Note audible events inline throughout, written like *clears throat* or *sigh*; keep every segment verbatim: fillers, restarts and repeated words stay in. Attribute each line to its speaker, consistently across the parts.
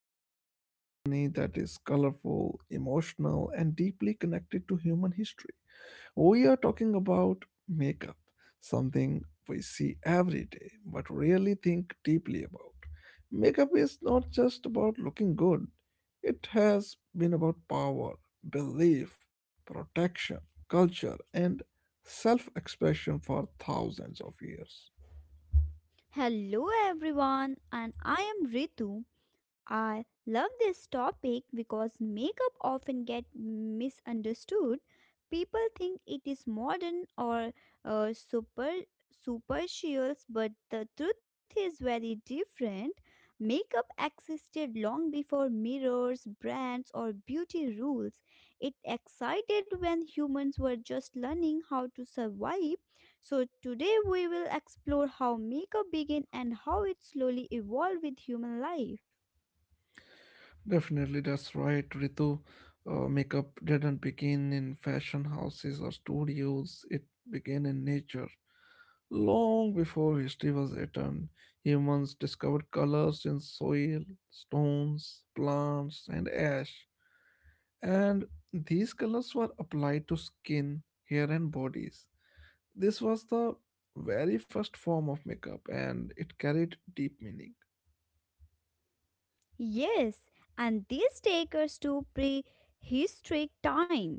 Speaker 1: starting a journey that is colorful, emotional, and deeply connected to human history. We are talking about makeup, something we see every day but rarely think deeply about. Makeup is not just about looking good, it has been about power, belief, protection, culture, and self expression for thousands of years.
Speaker 2: Hello everyone, and I am Ritu. I love this topic because makeup often get misunderstood. People think it is modern or uh, super superficial, but the truth is very different. Makeup existed long before mirrors, brands, or beauty rules. It existed when humans were just learning how to survive. So today we will explore how makeup began and how it slowly evolved with human life.
Speaker 1: Definitely, that's right, Ritu. Uh, makeup didn't begin in fashion houses or studios, it began in nature. Long before history was written, humans discovered colors in soil, stones, plants, and ash. And these colors were applied to skin, hair, and bodies. This was the very first form of makeup, and it carried deep meaning.
Speaker 2: Yes, and this takes us to prehistoric time.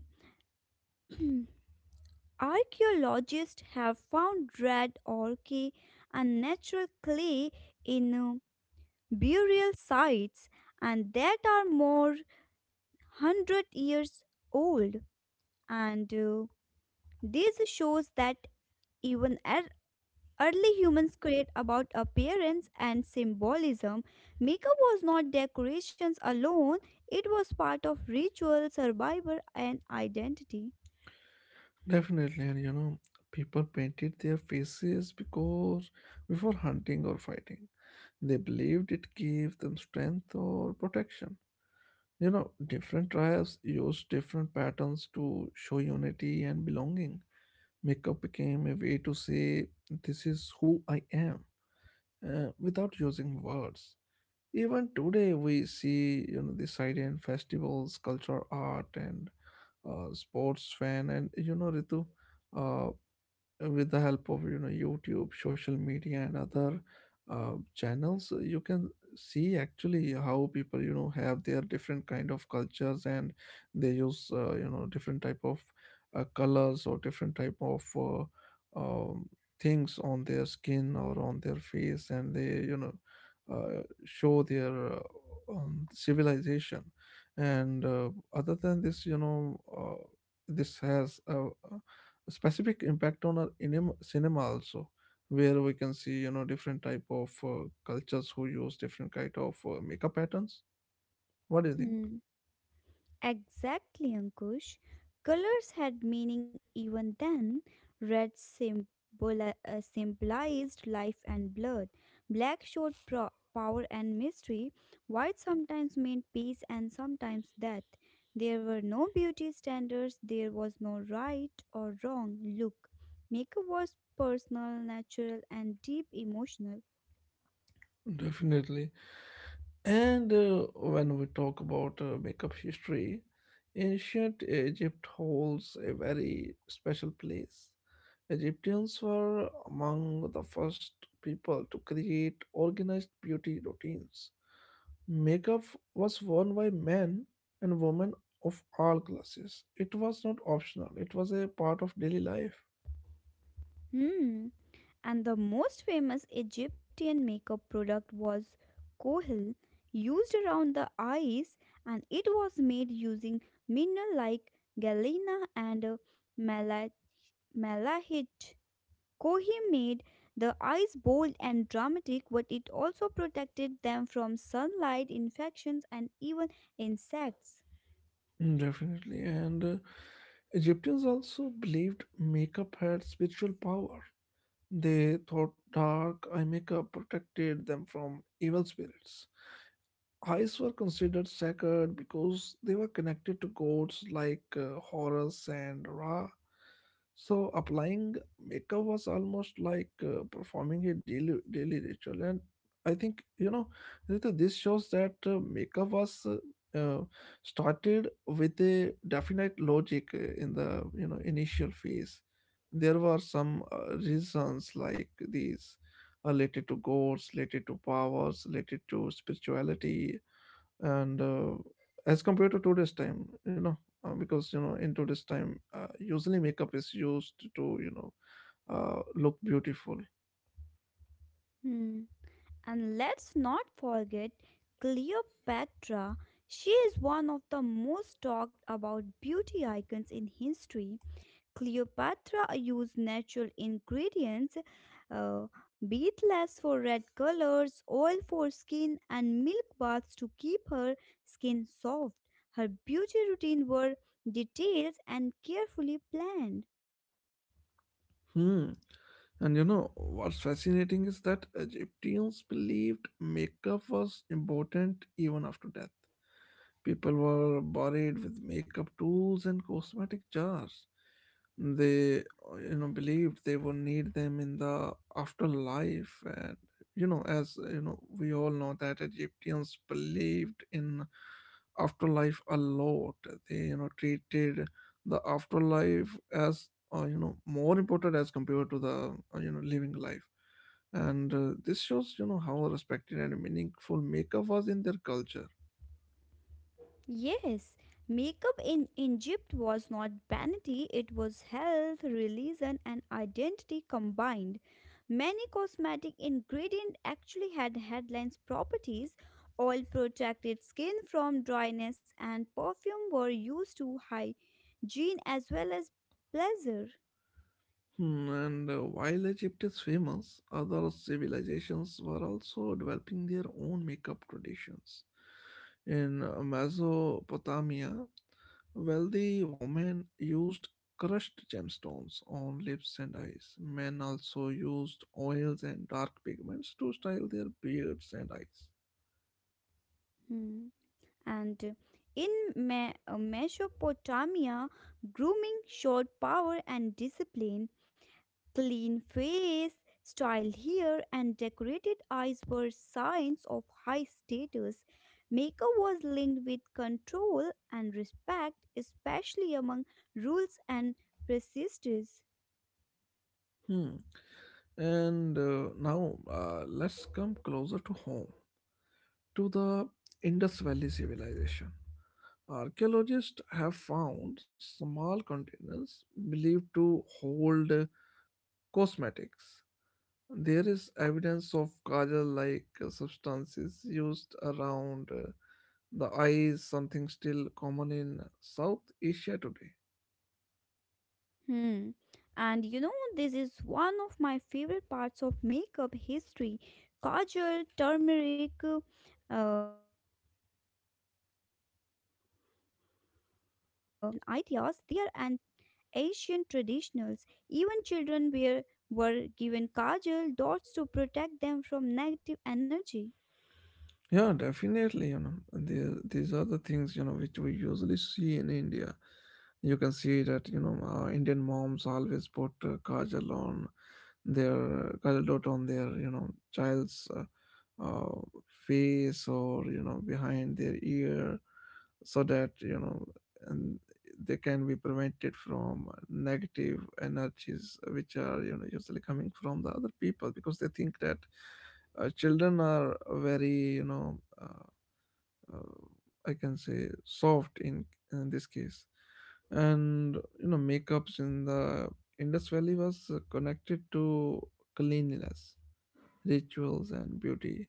Speaker 2: *clears throat* Archaeologists have found red ochre and natural clay in uh, burial sites, and that are more hundred years old. And uh, this shows that even ar- early humans create about appearance and symbolism. Makeup was not decorations alone, it was part of ritual, survival, and identity.
Speaker 1: Definitely, and you know, people painted their faces because before hunting or fighting, they believed it gave them strength or protection. You know, different tribes used different patterns to show unity and belonging. Makeup became a way to say, this is who I am, uh, without using words. Even today, we see, you know, this idea in festivals, cultural art, and uh, sports fan, and you know, Ritu, uh, uh, with the help of, you know, YouTube, social media, and other uh, channels, you can see actually how people, you know, have their different kind of cultures, and they use, uh, you know, different type of uh, colors, or different type of uh, um, things on their skin or on their face, and they, you know, uh, show their uh, um, civilization. And uh, other than this, you know, uh, this has a specific impact on our inim- cinema also, where we can see, you know, different type of uh, cultures who use different kind of uh, makeup patterns. What do you think?
Speaker 2: Hmm. Exactly, Ankush. Colors had meaning even then. Red symbol- uh, symbolized life and blood. Black showed pro- power and mystery. White sometimes meant peace and sometimes death. There were no beauty standards. There was no right or wrong look. Makeup was personal, natural, and deep emotional.
Speaker 1: Definitely. And uh, when we talk about uh, makeup history, ancient Egypt holds a very special place. Egyptians were among the first people to create organized beauty routines. Makeup was worn by men and women of all classes. It was not optional, it was a part of daily life.
Speaker 2: Hmm. And the most famous Egyptian makeup product was kohil, used around the eyes, and it was made using mineral like galena and uh, mala- malahite. Kohi made the eyes bold and dramatic, but it also protected them from sunlight, infections, and even insects.
Speaker 1: Mm. Definitely. And uh, Egyptians also believed makeup had spiritual power. They thought dark eye makeup protected them from evil spirits. Eyes were considered sacred because they were connected to gods like uh, Horus and Ra. So applying makeup was almost like uh, performing a daily daily ritual. And I think, you know, Rita, this shows that uh, makeup was uh, uh, started with a definite logic uh, in the, you know, initial phase. There were some uh, reasons like these related to gods, related to powers, related to spirituality. And uh, as compared to today's time, you know, uh, because, you know, in today's time, uh, usually makeup is used to, you know, uh, look beautiful.
Speaker 2: Hmm. And let's not forget Cleopatra. She is one of the most talked about beauty icons in history. Cleopatra used natural ingredients, uh, beeswax for red colors, oil for skin, and milk baths to keep her skin soft. Her beauty routine were detailed and carefully planned.
Speaker 1: Hmm. And you know what's fascinating is that Egyptians believed makeup was important even after death. People were buried with makeup tools and cosmetic jars. They, uh, you know, believed they would need them in the afterlife. And, you know, as, uh, you know, we all know that Egyptians believed in afterlife a lot. They, you know, treated the afterlife as, uh, you know, more important as compared to the, uh, you know, living life. And uh, this shows, you know, how respected and meaningful makeup was in their culture.
Speaker 2: Yes, makeup in Egypt was not vanity, it was health, religion, and identity combined. Many cosmetic ingredients actually had headlines properties. Oil protected skin from dryness, and perfume were used to hygiene as well as pleasure.
Speaker 1: Hmm. And uh, while Egypt is famous, other civilizations were also developing their own makeup traditions. In uh, Mesopotamia, wealthy women used crushed gemstones on lips and eyes. Men also used oils and dark pigments to style their beards and eyes.
Speaker 2: Hmm. And uh, in Me- uh, Mesopotamia, grooming showed power and discipline. Clean face, styled hair, and decorated eyes were signs of high status. Makeup was linked with control and respect, especially among rules and prestige.
Speaker 1: Hmm. And uh, now uh, let's come closer to home, to the Indus Valley civilization. Archaeologists have found small containers believed to hold uh, cosmetics. There is evidence of kajal like substances used around uh, the eyes, something still common in South Asia today.
Speaker 2: Hmm. And you know, this is one of my favorite parts of makeup history. Kajal, turmeric, uh, sandalwood paste, and natural oils are not modern ideas. They are Asian traditionals, even children were, were given kajal dots to protect them from negative energy.
Speaker 1: Yeah, definitely. You know, the, these are the things, you know, which we usually see in India. You can see that, you know, uh, Indian moms always put uh, kajal on their uh, kajal dot on their, you know, child's uh, uh, face, or, you know, behind their ear, so that, you know, and they can be prevented from negative energies which are, you know, usually coming from the other people, because they think that uh, children are very, you know, uh, uh, I can say soft in, in this case. And, you know, makeups in the Indus Valley was uh, connected to cleanliness, rituals, and beauty.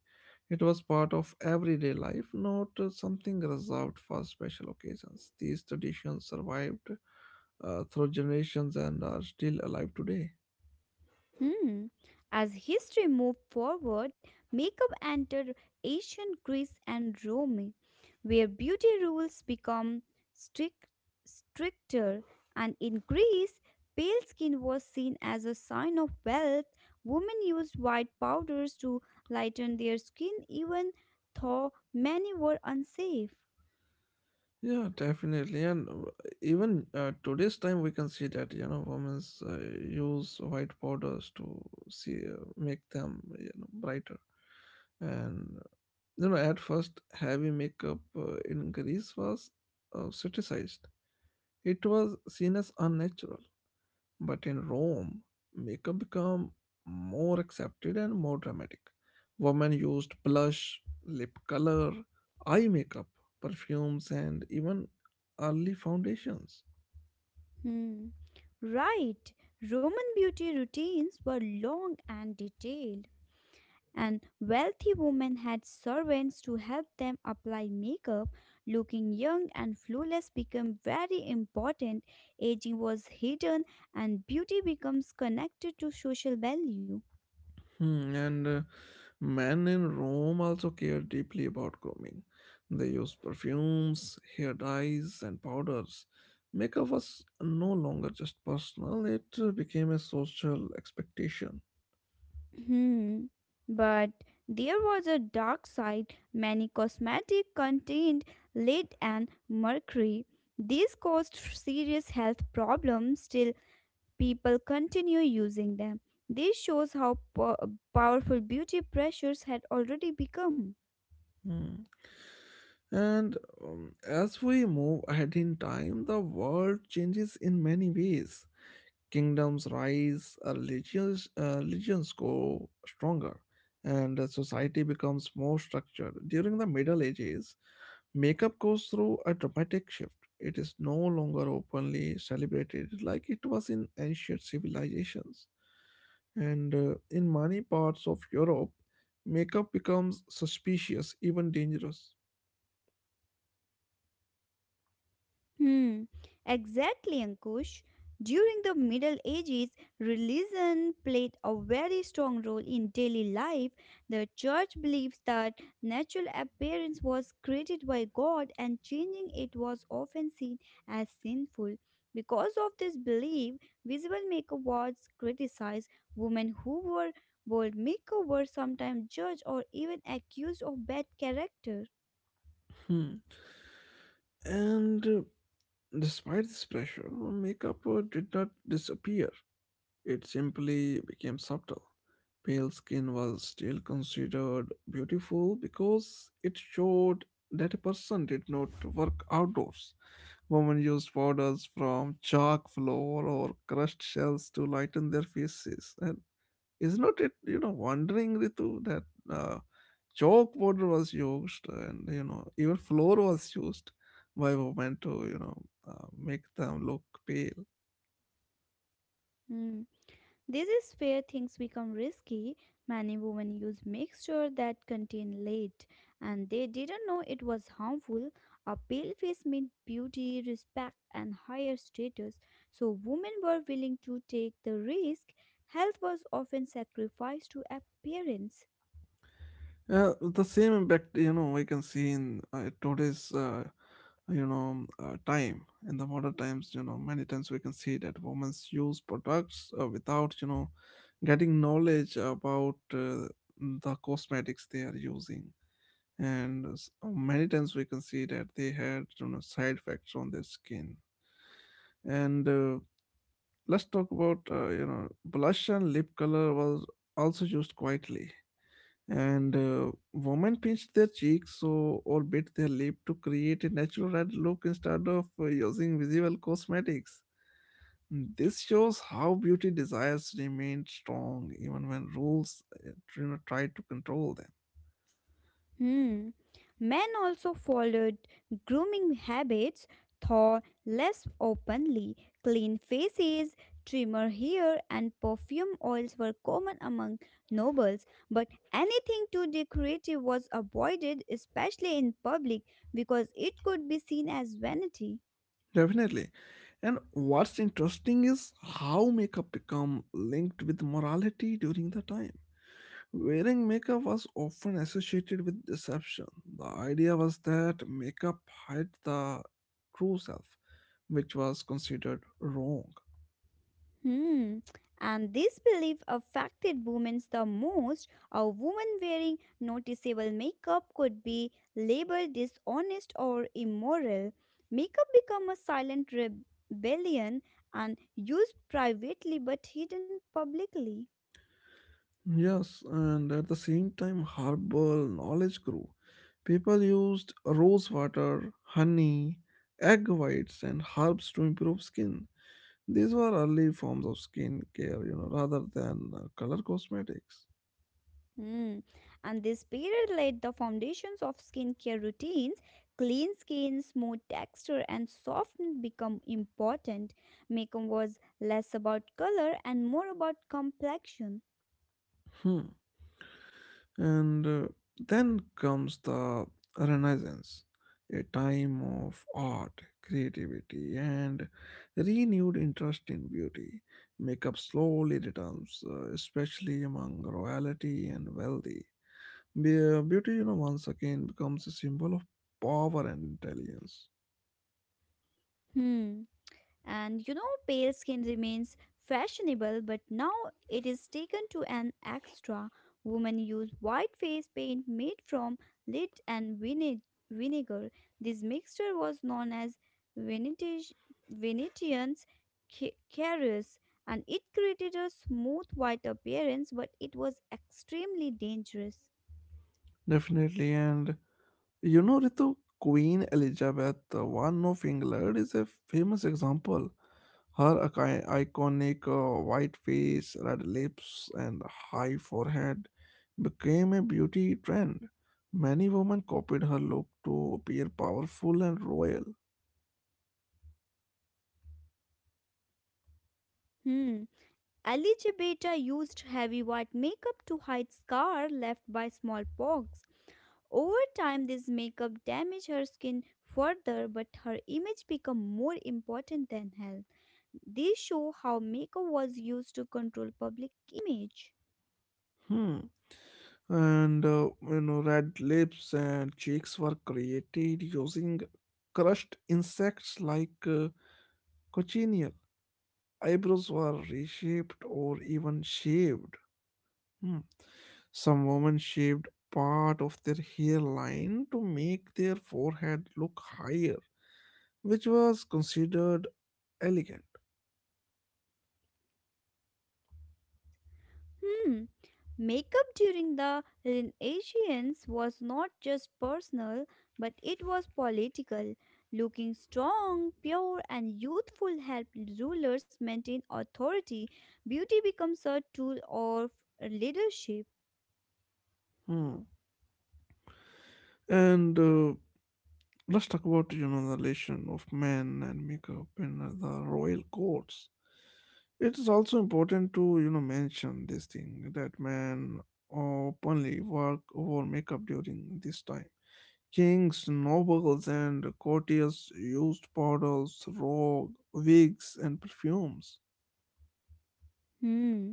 Speaker 1: It was part of everyday life, not uh, something reserved for special occasions. These traditions survived uh, through generations and are still alive today.
Speaker 2: Hmm. As history moved forward, makeup entered ancient Greece and Rome, where beauty rules become strict, stricter. And in Greece, pale skin was seen as a sign of wealth. Women used white powders to lighten their skin, even though many were unsafe.
Speaker 1: Yeah, definitely. And uh, even uh, today's time, we can see that, you know, women uh, use white powders to see, uh, make them, you know, brighter. And, you know, at first, heavy makeup uh, in Greece was uh, criticized. It was seen as unnatural. But in Rome, makeup became more accepted and more dramatic. Women used blush, lip color, eye makeup, perfumes, and even early foundations.
Speaker 2: Hmm. Right. Roman beauty routines were long and detailed, and wealthy women had servants to help them apply makeup. Looking young and flawless became very important. Aging was hidden, and beauty becomes connected to social value.
Speaker 1: Hmm. And uh, men in Rome also cared deeply about grooming. They used perfumes, hair dyes, and powders. Makeup was no longer just personal, it uh, became a social expectation.
Speaker 2: Hmm. But there was a dark side. Many cosmetics contained lead and mercury. These caused serious health problems. Still, people continue using them. This shows how po- powerful beauty pressures had already become.
Speaker 1: Hmm. And um, as we move ahead in time, the world changes in many ways. Kingdoms rise, uh, religions, uh, religions grow stronger, and uh, society becomes more structured. During the Middle Ages, makeup goes through a dramatic shift. It is no longer openly celebrated like it was in ancient civilizations. And uh, in many parts of Europe, makeup becomes suspicious, even dangerous.
Speaker 2: Hmm, exactly, Ankush. During the Middle Ages, religion played a very strong role in daily life. The church believes that natural appearance was created by God and changing it was often seen as sinful. Because of this belief, visible makeup was criticized. Women who wore bold makeup were sometimes judged or even accused of bad character.
Speaker 1: Hmm. And uh, despite this pressure, makeup uh, did not disappear. It simply became subtle. Pale skin was still considered beautiful because it showed that a person did not work outdoors. Women used powders from chalk floor or crushed shells to lighten their faces. Is not it, you know, wondering, Ritu, that uh, chalk powder was used, and, you know, even floor was used by women to, you know, uh, make them look pale.
Speaker 2: Hmm. This is where things become risky. Many women use mixture that contain lead, and they didn't know it was harmful. A pale face meant beauty, respect, and higher status, so women were willing to take the risk. Health was often sacrificed to appearance.
Speaker 1: Uh, the same impact, you know, we can see in uh, today's uh, you know, uh, time. In the modern times, you know, many times we can see that women use products uh, without, you know, getting knowledge about uh, the cosmetics they are using. And s- uh, many times we can see that they had, you know, side effects on their skin. And uh, let's talk about, uh, you know, blush and lip color was also used quietly. And uh, women pinched their cheeks so, or bit their lip, to create a natural red look instead of uh, using visible cosmetics. This shows how beauty desires remained strong even when rules uh, you know tried to control them.
Speaker 2: Hmm. Men also followed grooming habits, thought less openly. Clean faces, trimmer hair, and perfume oils were common among nobles, but anything too decorative was avoided, especially in public, because it could be seen as vanity.
Speaker 1: Definitely. And what's interesting is how makeup become linked with morality during the time. Wearing makeup was often associated with deception. The idea was that makeup hid the true self, which was considered wrong.
Speaker 2: Hmm. And this belief affected women the most. A woman wearing noticeable makeup could be labeled dishonest or immoral. Makeup became a silent rebellion and used privately but hidden publicly.
Speaker 1: Yes, and at the same time, herbal knowledge grew. People used rose water, honey, egg whites, and herbs to improve skin. These were early forms of skin care, you know, rather than uh, color cosmetics.
Speaker 2: Hmm. And this period laid the foundations of skincare routines. Clean skin, smooth texture, and softness become important. Makeup was less about color and more about complexion.
Speaker 1: Hmm. And uh, then comes the Renaissance, a time of art, creativity, and renewed interest in beauty. Makeup slowly returns, uh, especially among royalty and wealthy. Be- uh, Beauty, you know, once again becomes a symbol of power and intelligence.
Speaker 2: Hmm. And you know, pale skin remains fashionable, but now it is taken to an extra. Women use white face paint made from lid and vine- vinegar. This mixture was known as Venetish- Venetian's ca- carriers, and it created a smooth white appearance, but it was extremely dangerous.
Speaker 1: Definitely, and you know, Ritu, Queen Elizabeth the First of England is a famous example. Her ic- iconic uh, white face, red lips, and high forehead became a beauty trend. Many women copied her look to appear powerful and royal.
Speaker 2: Hmm. Elizabeth Beta used heavy white makeup to hide scar left by smallpox. Over time, this makeup damaged her skin further, but her image became more important than health. These show how makeup was used to control public image.
Speaker 1: Hmm. And uh, you know, red lips and cheeks were created using crushed insects like uh, cochineal. Eyebrows were reshaped or even shaved. Hmm. Some women shaved part of their hairline to make their forehead look higher, which was considered elegant.
Speaker 2: Hmm. Makeup during the Renaissance was not just personal, but it was political. Looking strong, pure, and youthful helped rulers maintain authority. Beauty becomes a tool of leadership.
Speaker 1: Hmm. And uh, let's talk about, you know, the relation of men and makeup in uh, the royal courts. It is also important to, you know, mention this thing that men openly work over makeup during this time. Kings, nobles, and courtiers used powders, rogue, wigs, and perfumes.
Speaker 2: Hmm.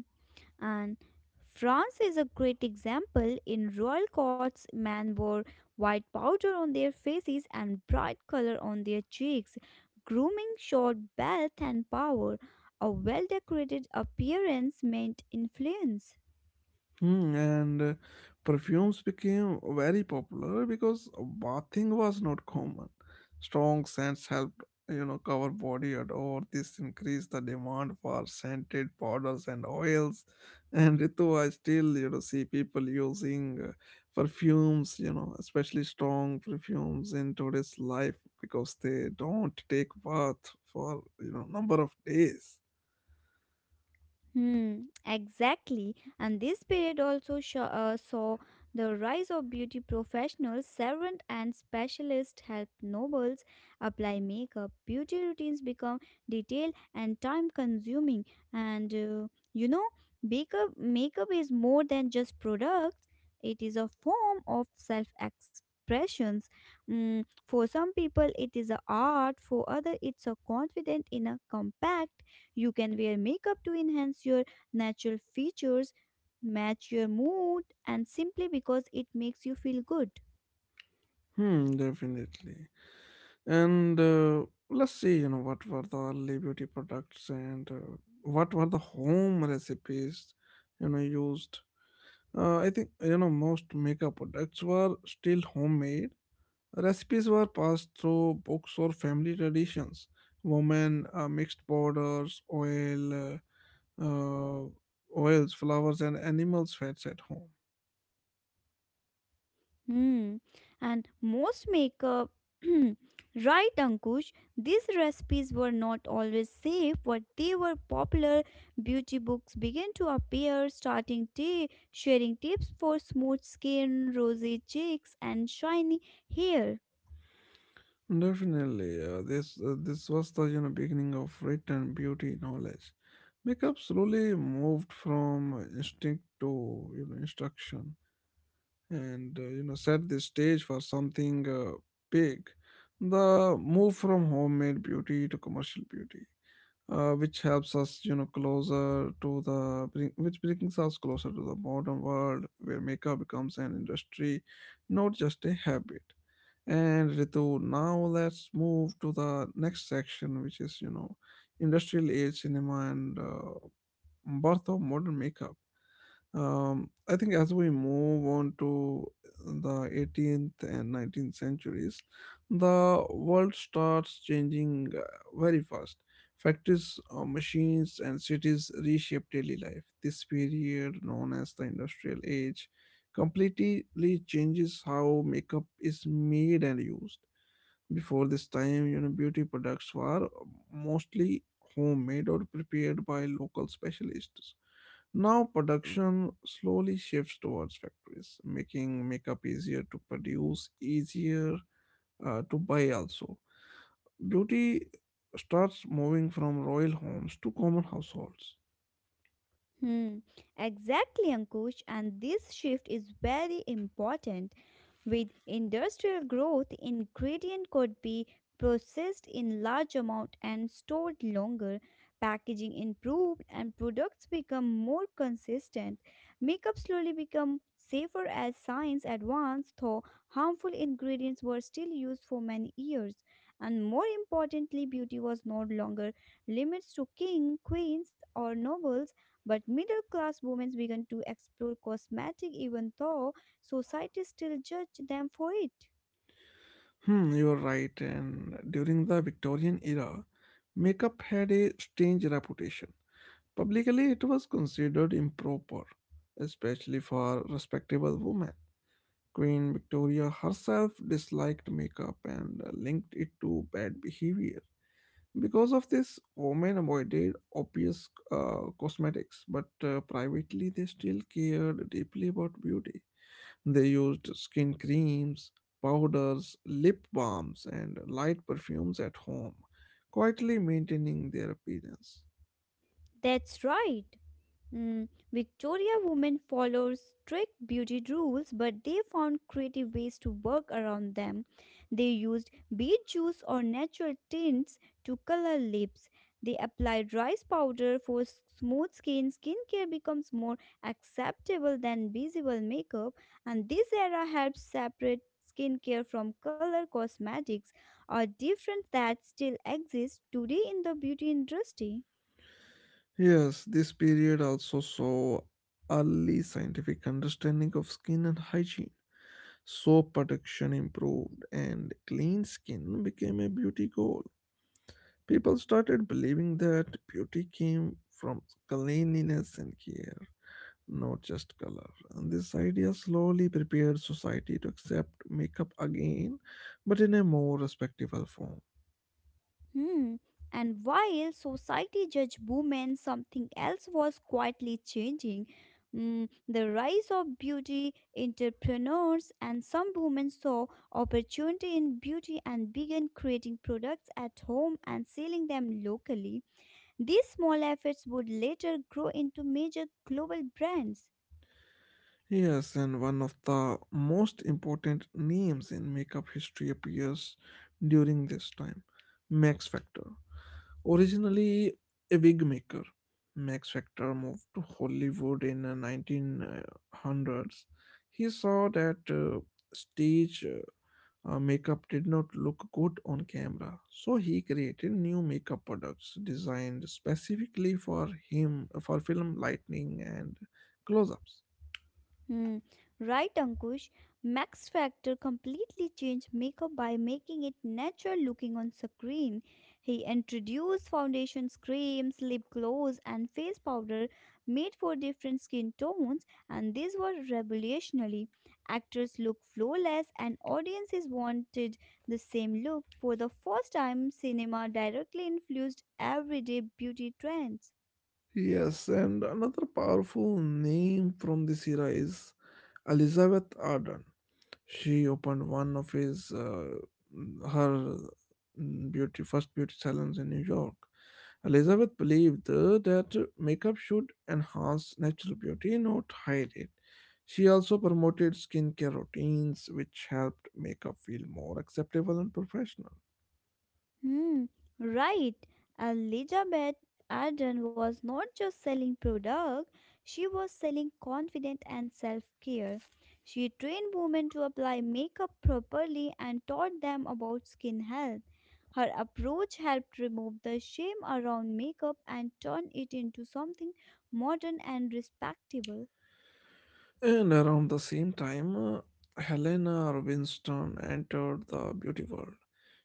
Speaker 2: And France is a great example in royal courts, men wore white powder on their faces and bright color on their cheeks. Grooming showed wealth and power. A well decorated appearance meant influence.
Speaker 1: Hmm. And uh, perfumes became very popular because bathing was not common. Strong scents helped, you know, cover body odor. This increased the demand for scented powders and oils. And Ritu, I still, you know, see people using uh, perfumes, you know, especially strong perfumes in today's life, because they don't take bath for, you know, number of days.
Speaker 2: Hmm, exactly. And this period also sho- uh, saw the rise of beauty professionals, servant and specialists help nobles apply makeup. Beauty routines become detailed and time consuming. And uh, you know, makeup, makeup is more than just products, it is a form of self expressions. Mm, for some people, it is a art, for other, it's a confident in a compact. You can wear makeup to enhance your natural features, match your mood, and simply because it makes you feel good.
Speaker 1: Hmm, definitely. And uh, let's see, you know, what were the early beauty products, and uh, what were the home recipes, you know, used. Uh, I think, you know, most makeup products were still homemade. Recipes were passed through books or family traditions. Women uh, mixed powders, oil, uh, uh, oils, flowers, and animals' fats at home.
Speaker 2: Hmm. And most makeup. *clears throat* Right, Ankush, these recipes were not always safe, but they were popular. Beauty books began to appear, starting day, sharing tips for smooth skin, rosy cheeks, and shiny hair.
Speaker 1: Definitely, uh, this uh, this was the, you know, beginning of written beauty knowledge. Makeup slowly moved from instinct to you know instruction, and uh, you know set the stage for something uh, big. The move from homemade beauty to commercial beauty, uh, which helps us you know closer to the bring, which brings us closer to the modern world where makeup becomes an industry, not just a habit. And Ritu, now let's move to the next section, which is, you know, industrial age cinema and uh, birth of modern makeup. Um, I think as we move on to the eighteenth and nineteenth centuries, the world starts changing uh, very fast. Factories, uh, machines, and cities reshape daily life. This period, known as the industrial age, completely changes how makeup is made and used. Before this time, you know, beauty products were mostly homemade or prepared by local specialists. Now production slowly shifts towards factories, making makeup easier to produce, easier uh, to buy also. Beauty starts moving from royal homes to common households.
Speaker 2: Hmm, exactly, Ankush. And this shift is very important. With industrial growth, ingredient could be processed in large amount and stored longer. Packaging improved and products become more consistent. Makeup slowly become safer as science advanced, though harmful ingredients were still used for many years. And more importantly, beauty was no longer limits to king, queens, or nobles but middle class women began to explore cosmetic even though society still judged them for it.
Speaker 1: Hmm, you're right. And during the Victorian era, makeup had a strange reputation. Publicly, it was considered improper, especially for respectable women. Queen Victoria herself disliked makeup and linked it to bad behavior. Because of this, women avoided obvious uh, cosmetics, but uh, privately they still cared deeply about beauty. They used skin creams, powders, lip balms, and light perfumes at home, quietly maintaining their appearance.
Speaker 2: That's right. Mm, Victoria women followed strict beauty rules, but they found creative ways to work around them. They used beet juice or natural tints to color lips. They applied rice powder for s- smooth skin. Skincare becomes more acceptable than visible makeup, and this era helps separate skincare from color cosmetics, a difference that still exists today in the beauty industry.
Speaker 1: Yes, this period also saw early scientific understanding of skin and hygiene. Soap production improved, and clean skin became a beauty goal. People started believing that beauty came from cleanliness and care, not just color. And this idea slowly prepared society to accept makeup again, but in a more respectable form.
Speaker 2: Hmm. And while society judged women, something else was quietly changing. Hmm, the rise of beauty entrepreneurs and some women saw opportunity in beauty and began creating products at home and selling them locally. These small efforts would later grow into major global brands.
Speaker 1: Yes, and one of the most important names in makeup history appears during this time: Max Factor. Originally a wig maker, Max Factor moved to Hollywood in the nineteen hundreds. He saw that uh, stage uh, uh, makeup did not look good on camera, so he created new makeup products designed specifically for him for film lighting and close ups.
Speaker 2: Hmm, right, Ankush. Max Factor completely changed makeup by making it natural looking on screen. He introduced foundations, creams, lip gloss, and face powder made for different skin tones, and these were revolutionary. Actors looked flawless, and audiences wanted the same look. For the first time, cinema directly influenced everyday beauty trends.
Speaker 1: Yes, and another powerful name from this era is Elizabeth Arden. She opened one of his uh, her mm, beauty first beauty salons in New York. Elizabeth believed uh, that makeup should enhance natural beauty, not hide it. She also promoted skincare routines, which helped makeup feel more acceptable and professional.
Speaker 2: Hmm, right. Elizabeth Arden was not just selling product, she was selling confidence and self-care. She trained women to apply makeup properly and taught them about skin health. Her approach helped remove the shame around makeup and turn it into something modern and respectable.
Speaker 1: And around the same time, uh, Helena Rubinstein entered the beauty world.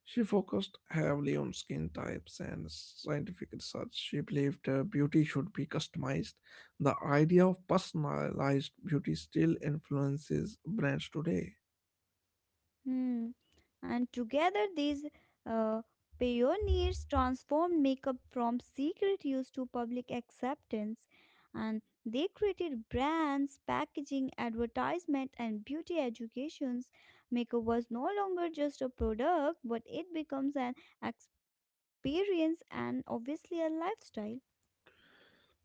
Speaker 1: She focused heavily on skin types and scientific research. She believed uh, beauty should be customized. The idea of personalized beauty still influences brands today.
Speaker 2: Hmm. And together, these uh, pioneers transformed makeup from secret use to public acceptance. And they created brands, packaging, advertisement, and beauty educations. Makeup was no longer just a product, but it becomes an experience and obviously a lifestyle.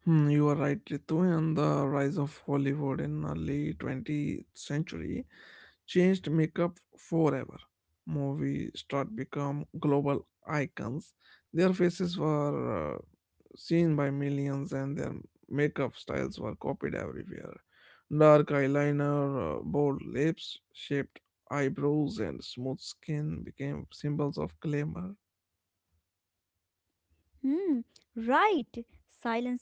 Speaker 1: Hmm, you are right, Ritu, and the rise of Hollywood in early twentieth century changed makeup forever. Movie stars become global icons. Their faces were uh, seen by millions, and their makeup styles were copied everywhere. Dark eyeliner, uh, bold lips, shaped eyebrows, and smooth skin became symbols of glamour.
Speaker 2: Hmm, right. Silence film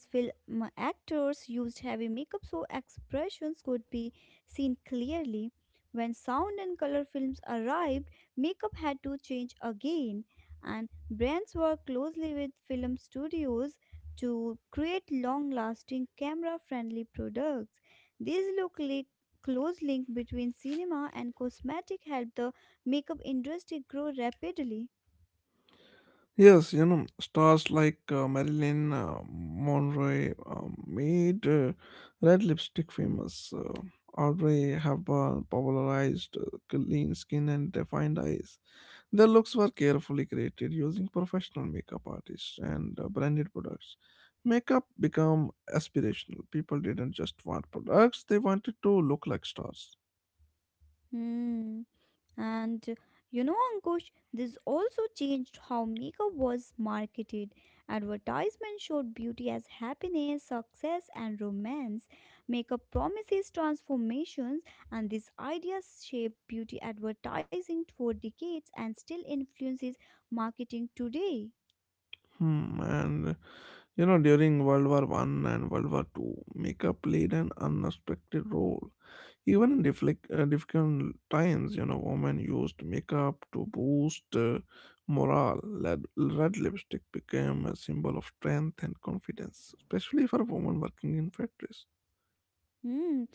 Speaker 2: actors used heavy makeup so expressions could be seen clearly. When sound and color films arrived, makeup had to change again, and brands worked closely with film studios to create long lasting camera friendly products. These look like close link between cinema and cosmetic helped the makeup industry grow rapidly.
Speaker 1: Yes, you know, stars like uh, Marilyn uh, Monroe uh, made uh, red lipstick famous. Uh, Audrey Hepburn popularized uh, clean skin and defined eyes. Their looks were carefully created using professional makeup artists and uh, branded products. Makeup became aspirational. People didn't just want products; they wanted to look like stars.
Speaker 2: Hmm. And uh, you know, Ankush, this also changed how makeup was marketed. Advertisements showed beauty as happiness, success, and romance. Makeup promises transformations, and these ideas shaped beauty advertising for decades and still influences marketing today.
Speaker 1: Hmm, and you know, during World War One and World War Two, makeup played an unexpected role. Even in difflic- uh, difficult times, you know, women used makeup to boost uh, morale. Red, red lipstick became a symbol of strength and confidence, especially for women working in factories.
Speaker 2: Hmm,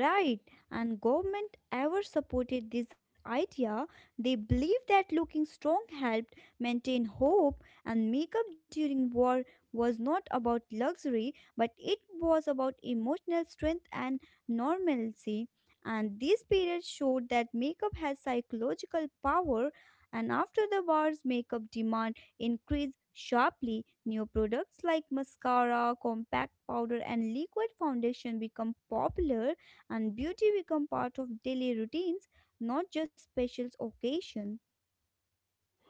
Speaker 2: right. And government ever supported this idea. They believed that looking strong helped maintain hope and makeup during war was not about luxury, but it was about emotional strength and normalcy. And this period showed that makeup has psychological power and after the wars makeup demand increase sharply. New products like mascara, compact powder, and liquid foundation become popular, and beauty become part of daily routines, not just special occasions.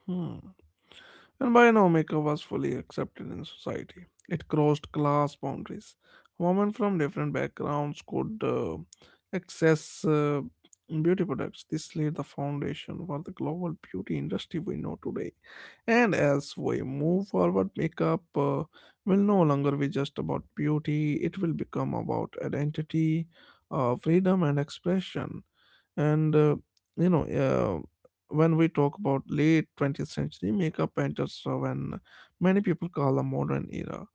Speaker 1: Hmm. And by now, makeup was fully accepted in society. It crossed class boundaries. Women from different backgrounds could uh, access uh, beauty products. This laid the foundation for the global beauty industry we know today. And as we move forward, makeup uh, will no longer be just about beauty, it will become about identity, uh, freedom, and expression. And uh, you know uh, when we talk about late twentieth century, makeup enters uh, when many people call the modern era.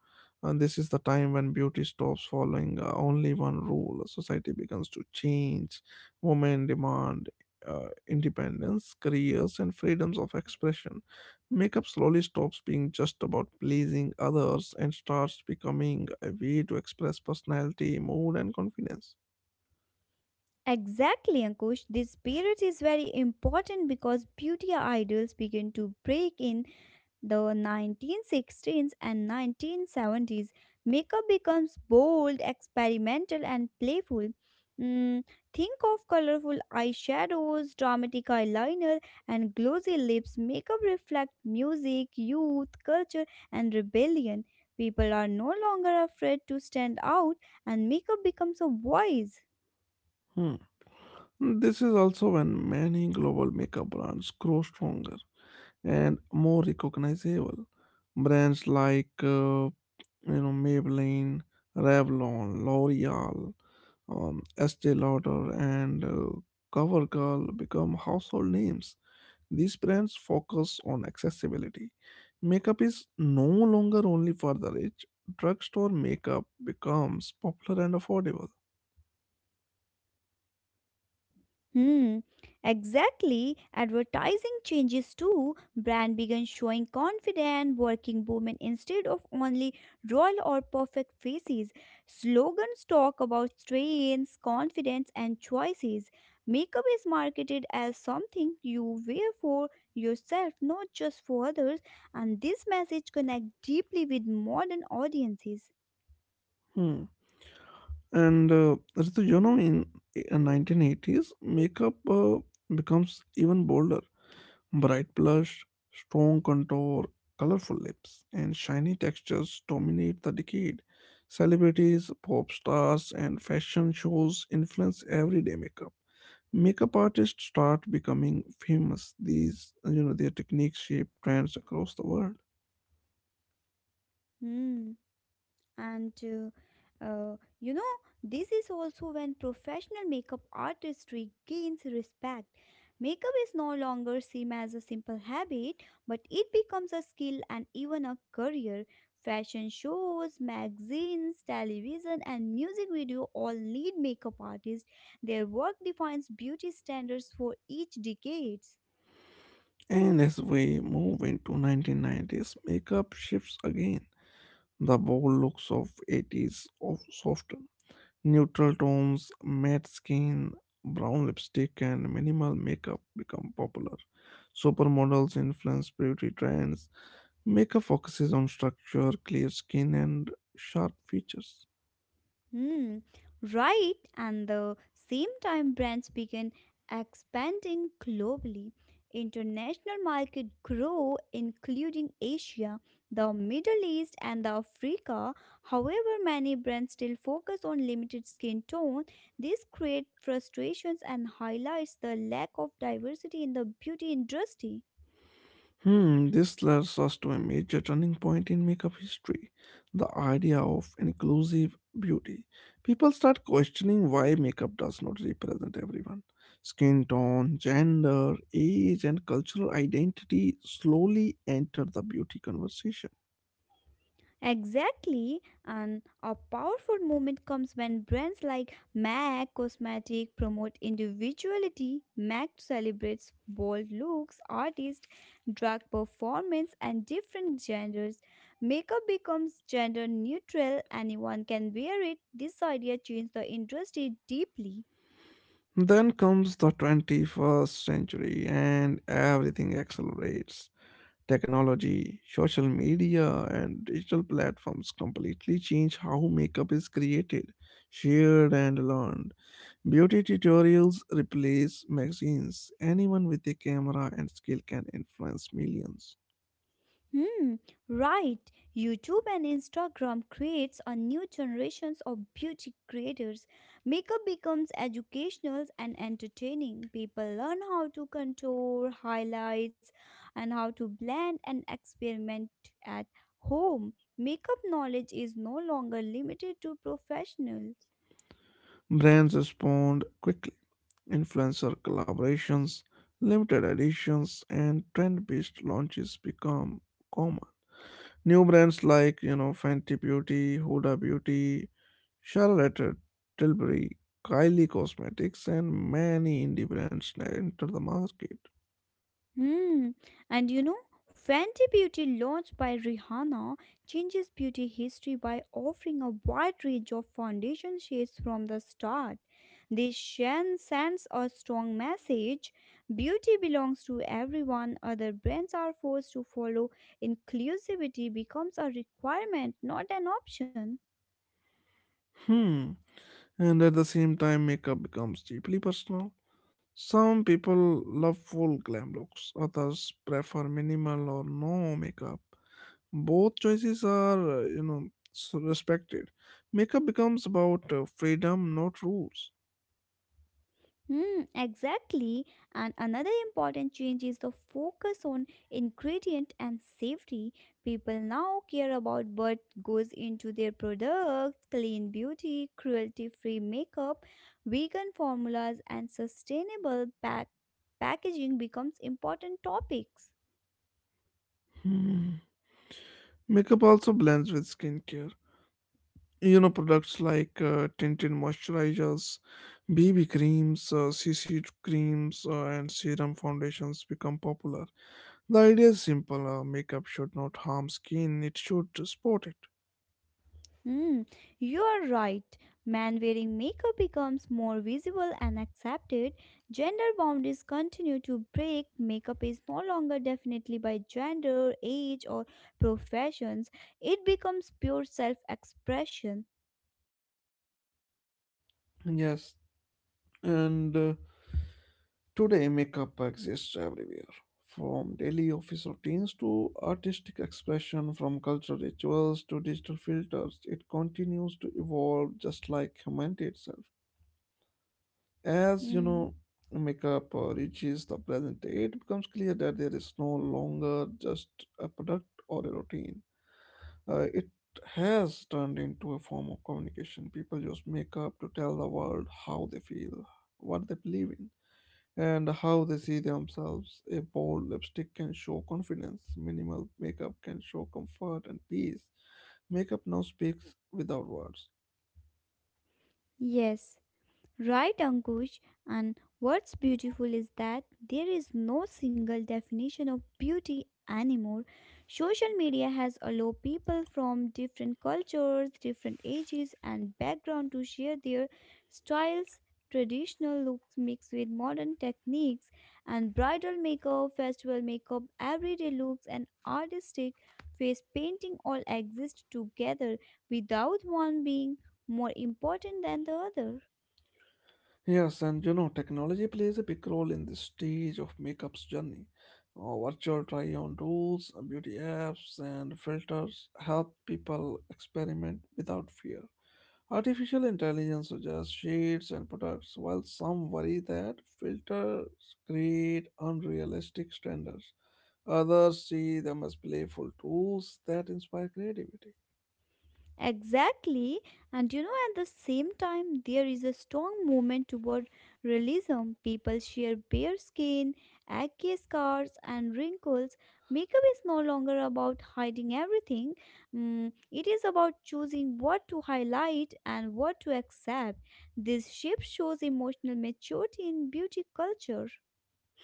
Speaker 1: And this is the time when beauty stops following uh, only one rule. Society begins to change, women demand uh, independence, careers, and freedoms of expression. Makeup slowly stops being just about pleasing others and starts becoming a way to express personality, mood, and confidence.
Speaker 2: Exactly, Ankush. This period is very important because beauty idols begin to break in the nineteen sixteens and nineteen seventies makeup becomes bold, experimental, and playful. Mm, think of colorful eyeshadows, dramatic eyeliner, and glossy lips. Makeup reflect music, youth, culture, and rebellion. People are no longer afraid to stand out, and makeup becomes a voice.
Speaker 1: Hmm. This is also when many global makeup brands grow stronger and more recognizable. Brands like uh, you know Maybelline, Revlon, L'Oreal, um, Estee Lauder, and uh, CoverGirl become household names. These brands focus on accessibility. Makeup is no longer only for the rich. Drugstore makeup becomes popular and affordable.
Speaker 2: Hmm, exactly. Advertising changes too. Brand began showing confident working women instead of only royal or perfect faces. Slogans talk about strengths, confidence, and choices. Makeup is marketed as something you wear for yourself, not just for others, and this message connects deeply with modern audiences.
Speaker 1: And uh, Ritu, you know, in uh, nineteen eighties, makeup uh, becomes even bolder. Bright blush, strong contour, colorful lips, and shiny textures dominate the decade. Celebrities, pop stars, and fashion shows influence everyday makeup. Makeup artists start becoming famous. These, uh, you know, their techniques shape trends across the world.
Speaker 2: Hmm. And uh, uh, you know this is also when professional makeup artistry gains respect. Makeup is no longer seen as a simple habit, but it becomes a skill and even a career. Fashion shows, magazines, television, and music video all need makeup artists. Their work defines beauty standards for each decades.
Speaker 1: And as we move into nineteen nineties, makeup shifts again. The bold looks of eighties of soften. Neutral tones, matte skin, brown lipstick, and minimal makeup become popular. Supermodels influence beauty trends. Makeup focuses on structure, clear skin, and sharp features.
Speaker 2: Hmm, right. And the same time, brands began expanding globally. International market grew, including Asia, the Middle East, and the Africa. However, many brands still focus on limited skin tone. This creates frustrations and highlights the lack of diversity in the beauty industry.
Speaker 1: Hmm, this leads us to a major turning point in makeup history: the idea of inclusive beauty. People start questioning why makeup does not represent everyone. Skin tone, gender, age, and cultural identity slowly enter the beauty conversation.
Speaker 2: Exactly, and a powerful movement comes when brands like M A C Cosmetic promote individuality. M A C celebrates bold looks, artists, drag performance, and different genders. Makeup becomes gender neutral, anyone can wear it. This idea changed the industry deeply.
Speaker 1: Then comes the twenty-first century, and everything accelerates. Technology, social media, and digital platforms completely change how makeup is created, shared, and learned. Beauty tutorials replace magazines. Anyone with a camera and skill can influence millions.
Speaker 2: Hmm, right. YouTube and Instagram creates a new generations of beauty creators. Makeup becomes educational and entertaining. People learn how to contour, highlights, and how to blend and experiment at home. Makeup knowledge is no longer limited to professionals.
Speaker 1: Brands respond quickly. Influencer collaborations, limited editions, and trend based launches become common. New brands like, you know, Fenty Beauty, Huda Beauty, Charlotte Tilbury, Kylie Cosmetics, and many indie brands enter the market.
Speaker 2: Hmm. And you know, Fenty Beauty, launched by Rihanna, changes beauty history by offering a wide range of foundation shades from the start. This Shen sends a strong message. Beauty belongs to everyone. Other brands are forced to follow. Inclusivity becomes a requirement, not an option.
Speaker 1: Hmm. And at the same time, makeup becomes deeply personal. Some people love full glam looks, others prefer minimal or no makeup. Both choices are, uh, you know, s- respected. Makeup becomes about uh, freedom, not rules.
Speaker 2: Hmm, exactly. And another important change is the focus on ingredient and safety. People now care about what goes into their products, clean beauty, cruelty-free makeup, vegan formulas, and sustainable pack- packaging becomes important topics.
Speaker 1: Hmm. Makeup also blends with skincare. You know, products like uh, tinted moisturizers, B B creams, uh, C C creams, uh, and serum foundations become popular. The idea is simple: uh, makeup should not harm skin, it should support it.
Speaker 2: Hmm, you are right. Man wearing makeup becomes more visible and accepted. Gender boundaries continue to break. Makeup is no longer definitely by gender, age, or professions. It becomes pure self expression.
Speaker 1: Yes, and uh, today makeup exists everywhere, from daily office routines to artistic expression, from cultural rituals to digital filters. It continues to evolve just like humanity itself. As you
Speaker 2: Hmm.
Speaker 1: know, makeup uh, reaches the present day, it becomes clear that there is no longer just a product or a routine. Uh, it has turned into a form of communication. People use makeup to tell the world how they feel, what they believe in, and how they see themselves. A bold lipstick can show confidence, minimal makeup can show comfort and peace. Makeup now speaks without words.
Speaker 2: Yes. Right, Ankush. And what's beautiful is that there is no single definition of beauty anymore. Social media has allowed people from different cultures, different ages, and background to share their styles. Traditional looks mixed with modern techniques, and bridal makeup, festival makeup, everyday looks, and artistic face painting all exist together without one being more important than the other.
Speaker 1: Yes, and you know, technology plays a big role in this stage of makeup's journey. Uh, virtual try on tools, uh, beauty apps, and filters help people experiment without fear. Artificial intelligence suggests shades and products, while some worry that filters create unrealistic standards. Others see them as playful tools that inspire creativity.
Speaker 2: Exactly, and you know, at the same time, there is a strong movement toward realism. People share bare skin, acne scars, and wrinkles. Makeup is no longer about hiding everything. Mm, it is about choosing what to highlight and what to accept. This shift shows emotional maturity in beauty culture.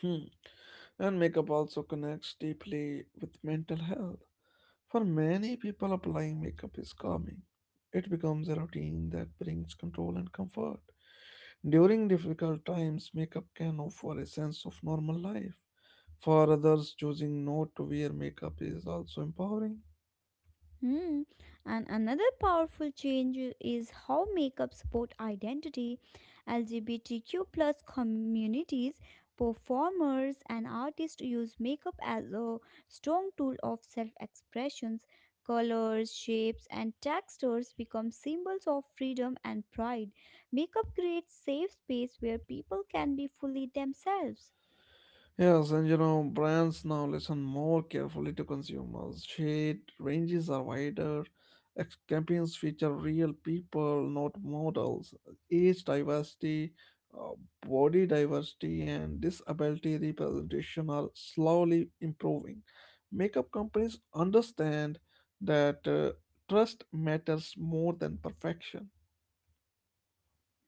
Speaker 1: Hmm. And makeup also connects deeply with mental health. For many people, applying makeup is calming. It becomes a routine that brings control and comfort. During difficult times, makeup can offer a sense of normal life. For others, choosing not to wear makeup is also empowering.
Speaker 2: Hmm. And another powerful change i- is how makeup support identity. L G B T Q plus communities, performers and artists use makeup as a strong tool of self-expressions. Colors, shapes and textures become symbols of freedom and pride. Makeup creates safe space where people can be fully themselves.
Speaker 1: Yes, and you know, brands now listen more carefully to consumers. Shade ranges are wider. ex- Campaigns feature real people, not models. Age diversity, uh, body diversity, and disability representation are slowly improving. Makeup companies understand that uh, trust matters more than perfection.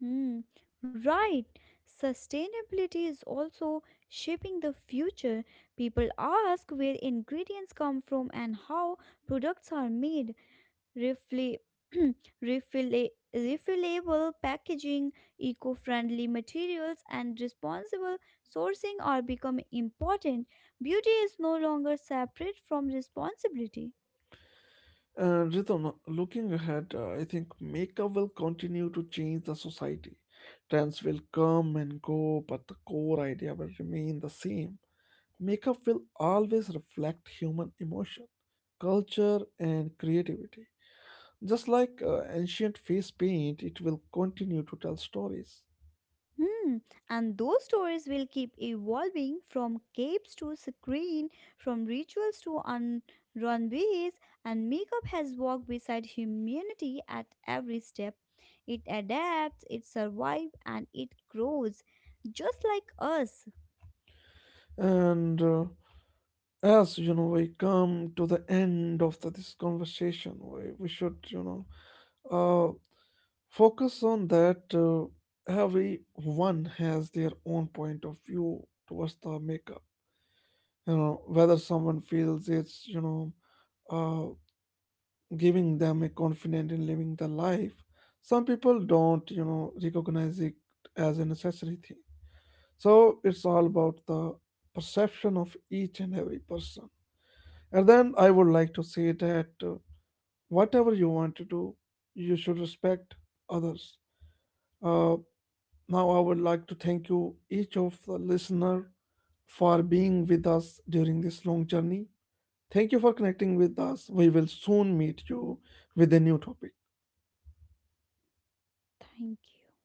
Speaker 2: Hmm, right. Sustainability is also shaping the future. People ask where ingredients come from and how products are made. Refli- *clears throat* refilla- Refillable packaging, eco friendly materials, and responsible sourcing are becoming important. Beauty is no longer separate from responsibility.
Speaker 1: Uh, Ritam, looking ahead, uh, I think makeup will continue to change the society. Trends will come and go, but the core idea will remain the same. Makeup will always reflect human emotion, culture, and creativity. Just like uh, ancient face paint, it will continue to tell stories.
Speaker 2: Hmm. And those stories will keep evolving from capes to screen, from rituals to un- runways, and makeup has walked beside humanity at every step. It adapts, it survives, and it grows, just like us.
Speaker 1: And uh, as you know, we come to the end of the, this conversation, we, we should, you know, uh, focus on that uh, everyone has their own point of view towards the makeup. You know, whether someone feels it's, you know, uh, giving them a confidence in living the life. Some people don't, you know, recognize it as a necessary thing. So it's all about the perception of each and every person. And then I would like to say that uh, whatever you want to do, you should respect others. Uh, Now I would like to thank you, each of the listener, for being with us during this long journey. Thank you for connecting with us. We will soon meet you with a new topic.
Speaker 2: Thank you.